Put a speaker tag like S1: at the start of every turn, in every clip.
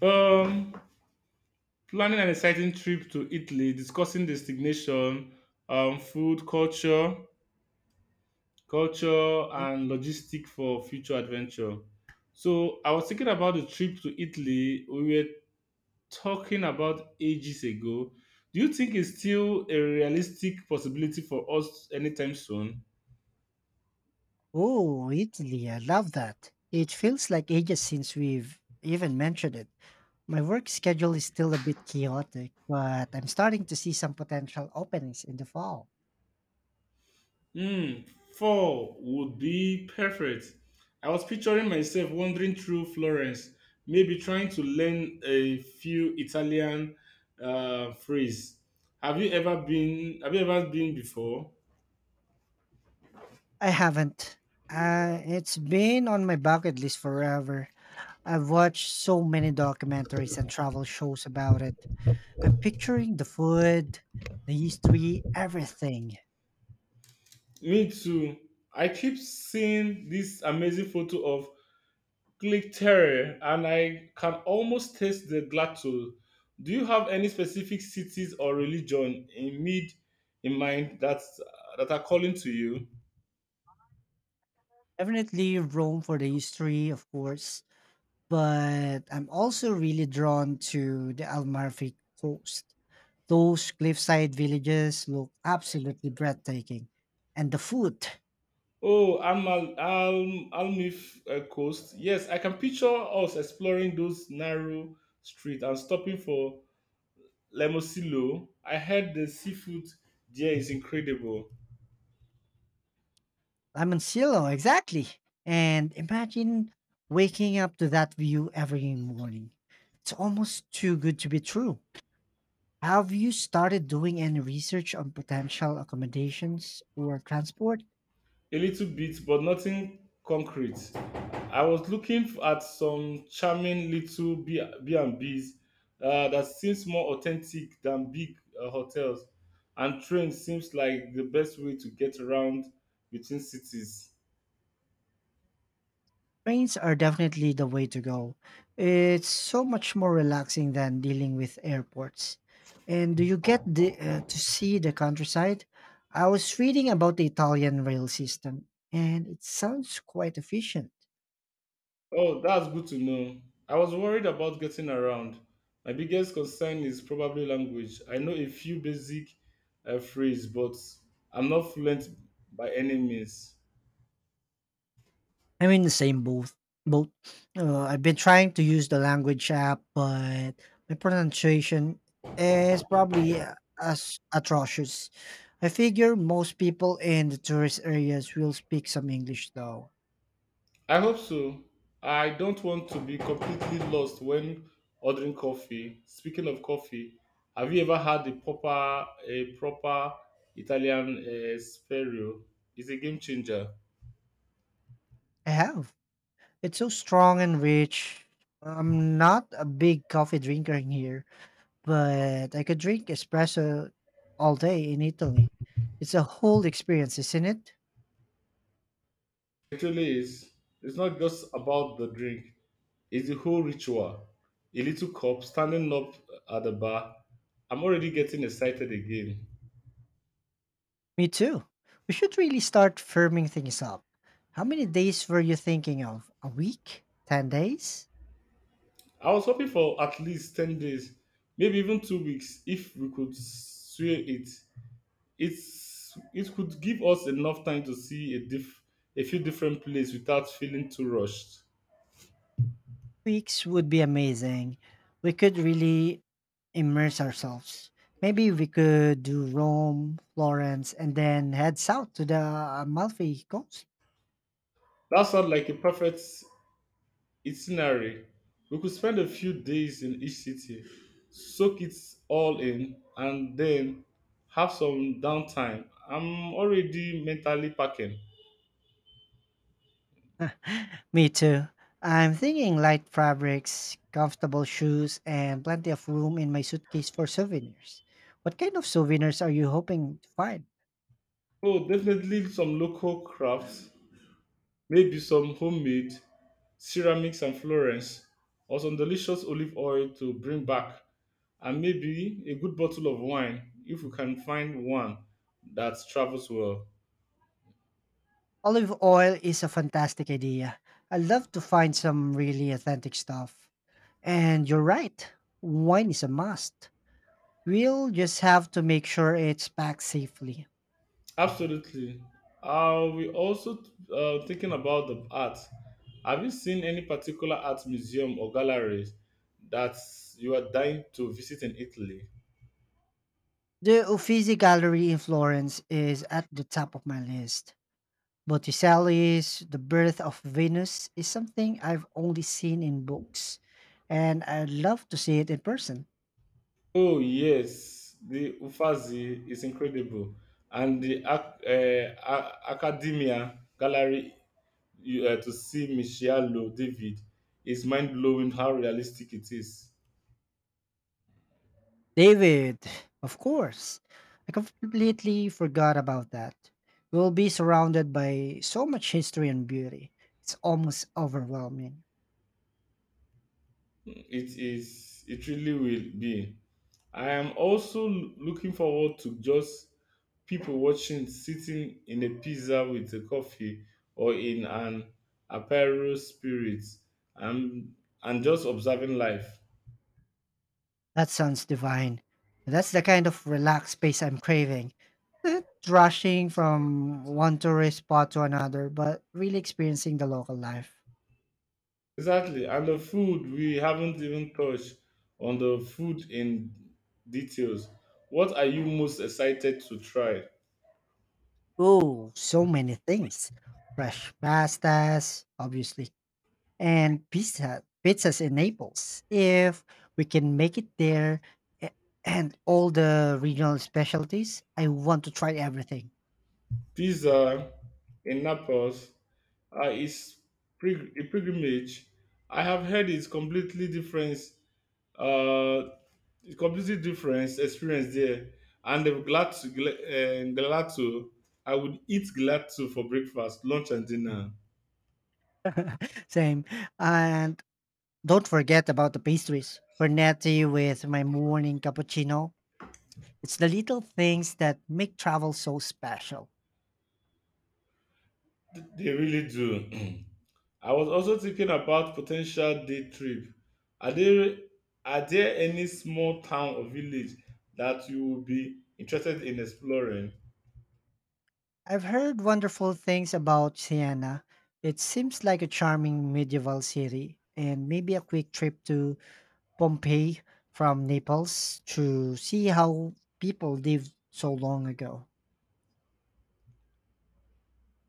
S1: Um, planning an exciting trip to Italy, discussing destination, food, culture,
S2: Mhm.
S1: and logistic for future adventure. So I was thinking about the trip to Italy we were talking about ages ago. Do you think it's still a realistic possibility for us anytime soon?
S2: Oh, Italy, I love that. It feels like ages since we've even mentioned it. My work schedule is still a bit chaotic, but I'm starting to see some potential openings in the fall.
S1: Fall would be perfect. I was picturing myself wandering through Florence, maybe trying to learn a few Italian phrase. Have you ever been before?
S2: I haven't. It's been on my bucket list forever. I've watched so many documentaries and travel shows about it. I'm picturing the food, the history, everything.
S1: Me too. I keep seeing this amazing photo of Terre, and I can almost taste the gelato. Do you have any specific cities or religion in mind that are calling to you?
S2: Definitely Rome for the history, of course. But I'm also really drawn to the Almarfi coast. Those cliffside villages look absolutely breathtaking. And the food,
S1: Oh, Almal, al Almif Coast. Yes, I can picture us exploring those narrow streets and stopping for Lemosilo. I heard the seafood there is incredible.
S2: Limoncillo, exactly. And imagine waking up to that view every morning. It's almost too good to be true. Have you started doing any research on potential accommodations or transport?
S1: A little bit, but nothing concrete. I was looking at some charming little B and B's that seems more authentic than big hotels, and train seems like the best way to get around between cities.
S2: Trains are definitely the way to go. It's so much more relaxing than dealing with airports. And do you get to see the countryside? I was reading about the Italian rail system, and it sounds quite efficient.
S1: Oh, that's good to know. I was worried about getting around. My biggest concern is probably language. I know a few basic phrases, but I'm not fluent by any means.
S2: I'm in the same boat. Boat. I've been trying to use the language app, but my pronunciation is probably as atrocious. I figure most people in the tourist areas will speak some English, though.
S1: I hope so. I don't want to be completely lost when ordering coffee. Speaking of coffee, have you ever had a proper Italian espresso? It's a game changer.
S2: I have. It's so strong and rich. I'm not a big coffee drinker in here, but I could drink espresso all day in Italy. It's a whole experience, isn't it?
S1: It really is. It's not just about the drink. It's the whole ritual. A little cup, standing up at the bar. I'm already getting excited again.
S2: Me too. We should really start firming things up. How many days were you thinking of? A week? 10 days?
S1: I was hoping for at least 10 days, maybe even 2 weeks, if we could swear it. It could give us enough time to see a few different places without feeling too rushed.
S2: Weeks would be amazing. We could really immerse ourselves. Maybe we could do Rome, Florence, and then head south to the Amalfi Coast.
S1: That sounds like a perfect itinerary. We could spend a few days in each city, soak it all in, and then have some downtime. I'm already mentally packing.
S2: Me too. I'm thinking light fabrics, comfortable shoes, and plenty of room in my suitcase for souvenirs. What kind of souvenirs are you hoping to find?
S1: Oh, definitely some local crafts, maybe some homemade ceramics and Florence, or some delicious olive oil to bring back, and maybe a good bottle of wine if we can find one that travels well.
S2: Olive oil is a fantastic idea. I'd love to find some really authentic stuff. And you're right, wine is a must. We'll just have to make sure it's packed safely.
S1: Absolutely. We also thinking about the art. Have you seen any particular art museum or galleries that you are dying to visit in Italy?
S2: The Uffizi Gallery in Florence is at the top of my list. Botticelli's The Birth of Venus is something I've only seen in books, and I'd love to see it in person.
S1: Oh yes, the Uffizi is incredible, and the Academia Gallery to see Michele David is mind blowing. How realistic it is!
S2: David, of course. I completely forgot about that. We'll be surrounded by so much history and beauty. It's almost overwhelming.
S1: It is. It really will be. I am also looking forward to just people watching, sitting in a pizza with a coffee or in an apparel spirit and, and just observing life.
S2: That sounds divine. That's the kind of relaxed space I'm craving. Not rushing from one tourist spot to another, but really experiencing the local life.
S1: Exactly. And the food, we haven't even touched on the food in details. What are you most excited to try?
S2: Oh, so many things. Fresh pastas, obviously, and pizzas in Naples. If we can make it there a- and all the regional specialties, I want to try everything.
S1: Pizza in Naples is a pilgrimage. I have heard it's completely different uh experience there, and I'm glad to I would eat glad to for breakfast, lunch, and dinner.
S2: Same. And don't forget about the pastries. Cornetti with my morning cappuccino. It's the little things that make travel so special.
S1: They really do. I was also thinking about potential day trip. Are there are there any small town or village that you would be interested in exploring?
S2: I've heard wonderful things about Siena. It seems like a charming medieval city, and maybe a quick trip to Pompeii from Naples to see how people lived so long ago.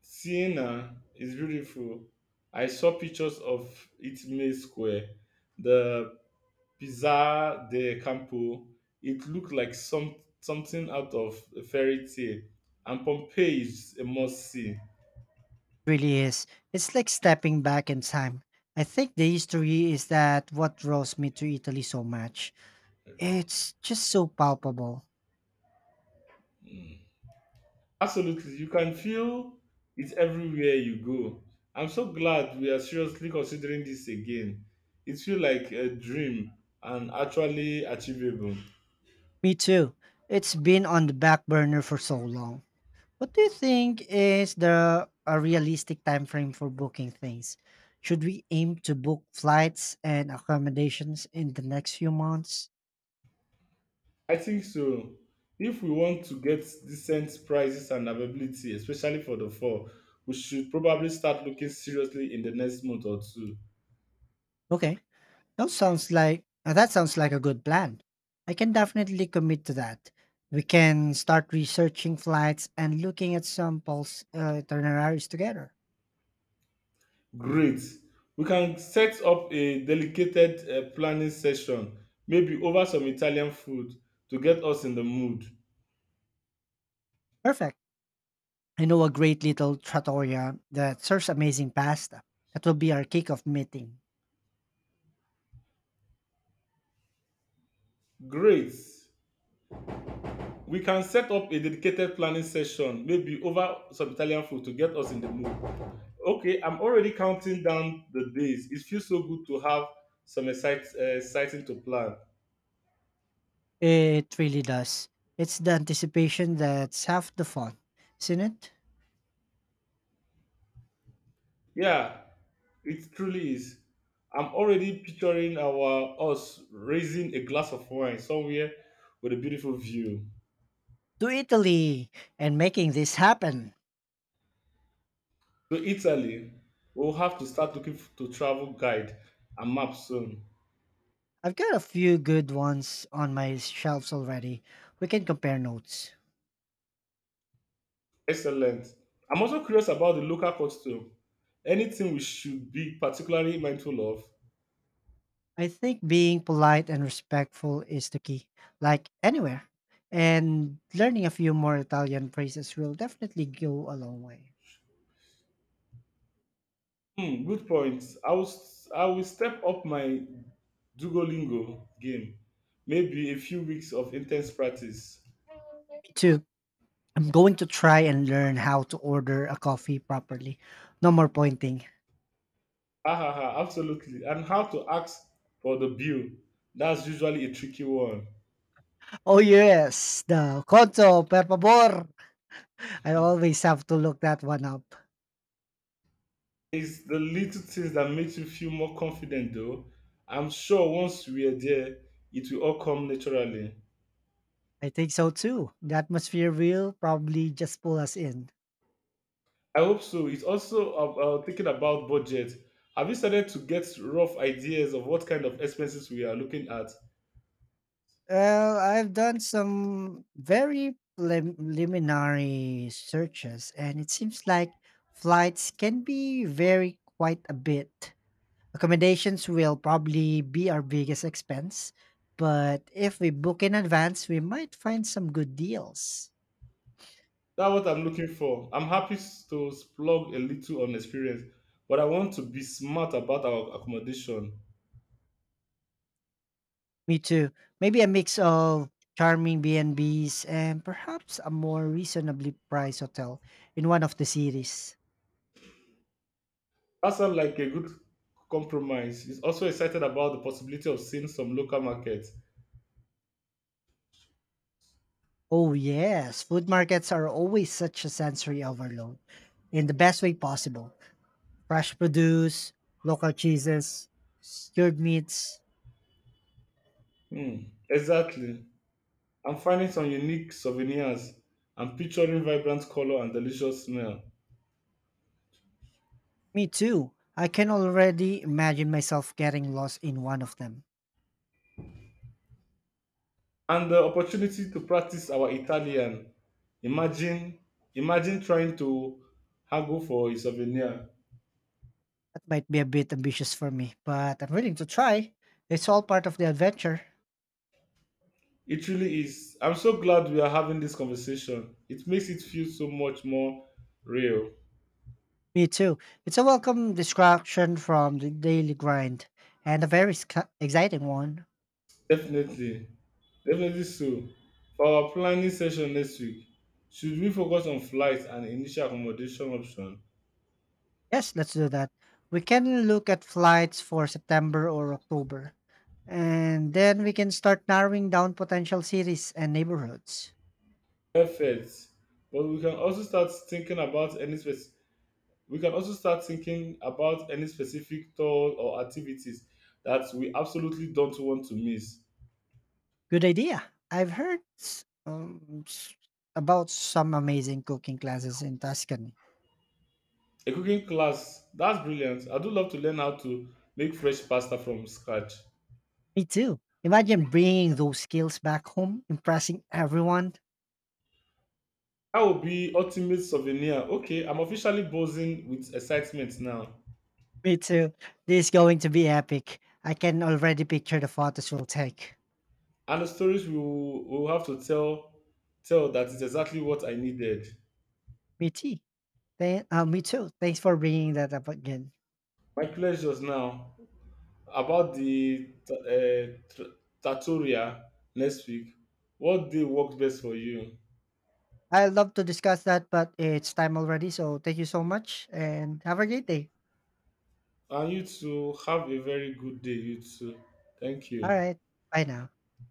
S1: Siena is beautiful. I saw pictures of its main square, the Pizza de Campo. It looked like something out of a fairy tale, and Pompeii is a must see.
S2: Really is. It's like stepping back in time. I think the history is that what draws me to Italy so much. It's just so palpable.
S1: Absolutely, you can feel it everywhere you go. I'm so glad we are seriously considering this again. It feels like a dream and actually achievable.
S2: Me too. It's been on the back burner for so long. What do you think is the a realistic time frame for booking things? Should we aim to book flights and accommodations in the next few months?
S1: I think so. If we want to get decent prices and availability, especially for the fall, we should probably start looking seriously in the next month or two.
S2: Okay. That sounds like a good plan. I can definitely commit to that. We can start researching flights and looking at some pulse itineraries together.
S1: Great. We can set up a dedicated planning session, maybe over some Italian food to get us in the mood.
S2: Perfect. I know a great little trattoria that serves amazing pasta. That will be our kickoff meeting.
S1: Great. We can set up a dedicated planning session, maybe over some Italian food to get us in the mood. Okay, I'm already counting down the days. It feels so good to have some exciting to plan.
S2: It really does. It's the anticipation that's half the fun, isn't it?
S1: Yeah, it truly is. I'm already picturing our us raising a glass of wine somewhere with a beautiful view.
S2: To Italy and making this happen.
S1: To Italy, we'll have to start looking to travel guide and map soon.
S2: I've got a few good ones on my shelves already. We can compare notes.
S1: Excellent. I'm also curious about the local costume. Anything we should be particularly mindful of?
S2: I think being polite and respectful is the key, like anywhere. And learning a few more Italian phrases will definitely go a long way.
S1: Hmm, good point. I will step up my Duolingo game. Maybe a few weeks of intense practice.
S2: Me too. I'm going to try and learn how to order a coffee properly. No more pointing.
S1: Ah, ha, ha, absolutely. And how to ask for the bill. That's usually a tricky one.
S2: Oh, yes, the conto, per favor. I always have to look that one up.
S1: It's the little things that makes you feel more confident though. I'm sure once we are there, it will all come naturally.
S2: I think so too. The atmosphere will probably just pull us in.
S1: I hope so. It's also thinking about budget. Have you started to get rough ideas of what kind of expenses we are looking at?
S2: Well, I've done some very preliminary searches, and it seems like flights can be vary quite a bit. Accommodations will probably be our biggest expense, but if we book in advance, we might find some good deals.
S1: That's what I'm looking for. I'm happy to splurge a little on experience, but I want to be smart about our accommodation.
S2: Me too. Maybe a mix of charming B&Bs and perhaps a more reasonably priced hotel in one of the cities.
S1: That sounds like a good compromise. It's also excited about the possibility of seeing some local markets.
S2: Oh, yes. Food markets are always such a sensory overload in the best way possible. Fresh produce, local cheeses, cured meats.
S1: Hmm, exactly. I'm finding some unique souvenirs, and am picturing vibrant color and delicious smell.
S2: Me too. I can already imagine myself getting lost in one of them.
S1: And the opportunity to practice our Italian. Imagine imagine trying to haggle for a souvenir.
S2: That might be a bit ambitious for me, but I'm willing to try. It's all part of the adventure.
S1: It really is. I'm so glad we are having this conversation. It makes it feel so much more real.
S2: Me too. It's a welcome distraction from the daily grind and a very exciting one.
S1: Definitely. Definitely so. For our planning session next week, should we focus on flights and initial accommodation options?
S2: Yes, let's do that. We can look at flights for September or October, and then we can start narrowing down potential cities and neighborhoods.
S1: Perfect. But we can also start thinking about any spec- we can also start thinking about any specific tour or activities that we absolutely don't want to miss.
S2: Good idea. I've heard about some amazing cooking classes in Tuscany.
S1: A cooking class, that's brilliant. I do love to learn how to make fresh pasta from scratch.
S2: Me too. Imagine bringing those skills back home, impressing everyone.
S1: That will be ultimate souvenir. Okay, I'm officially buzzing with excitement now.
S2: Me too. This is going to be epic. I can already picture the photos we'll take.
S1: And the stories we will have to tell. That is exactly what I needed.
S2: Me too. Thanks for bringing that up again.
S1: My pleasures now. About the Trattoria next week, what day works best for you?
S2: I'd love to discuss that, but it's time already. So thank you so much and have a great day.
S1: And you too, have a very good day, you too. Thank
S2: All
S1: you.
S2: right. Bye now.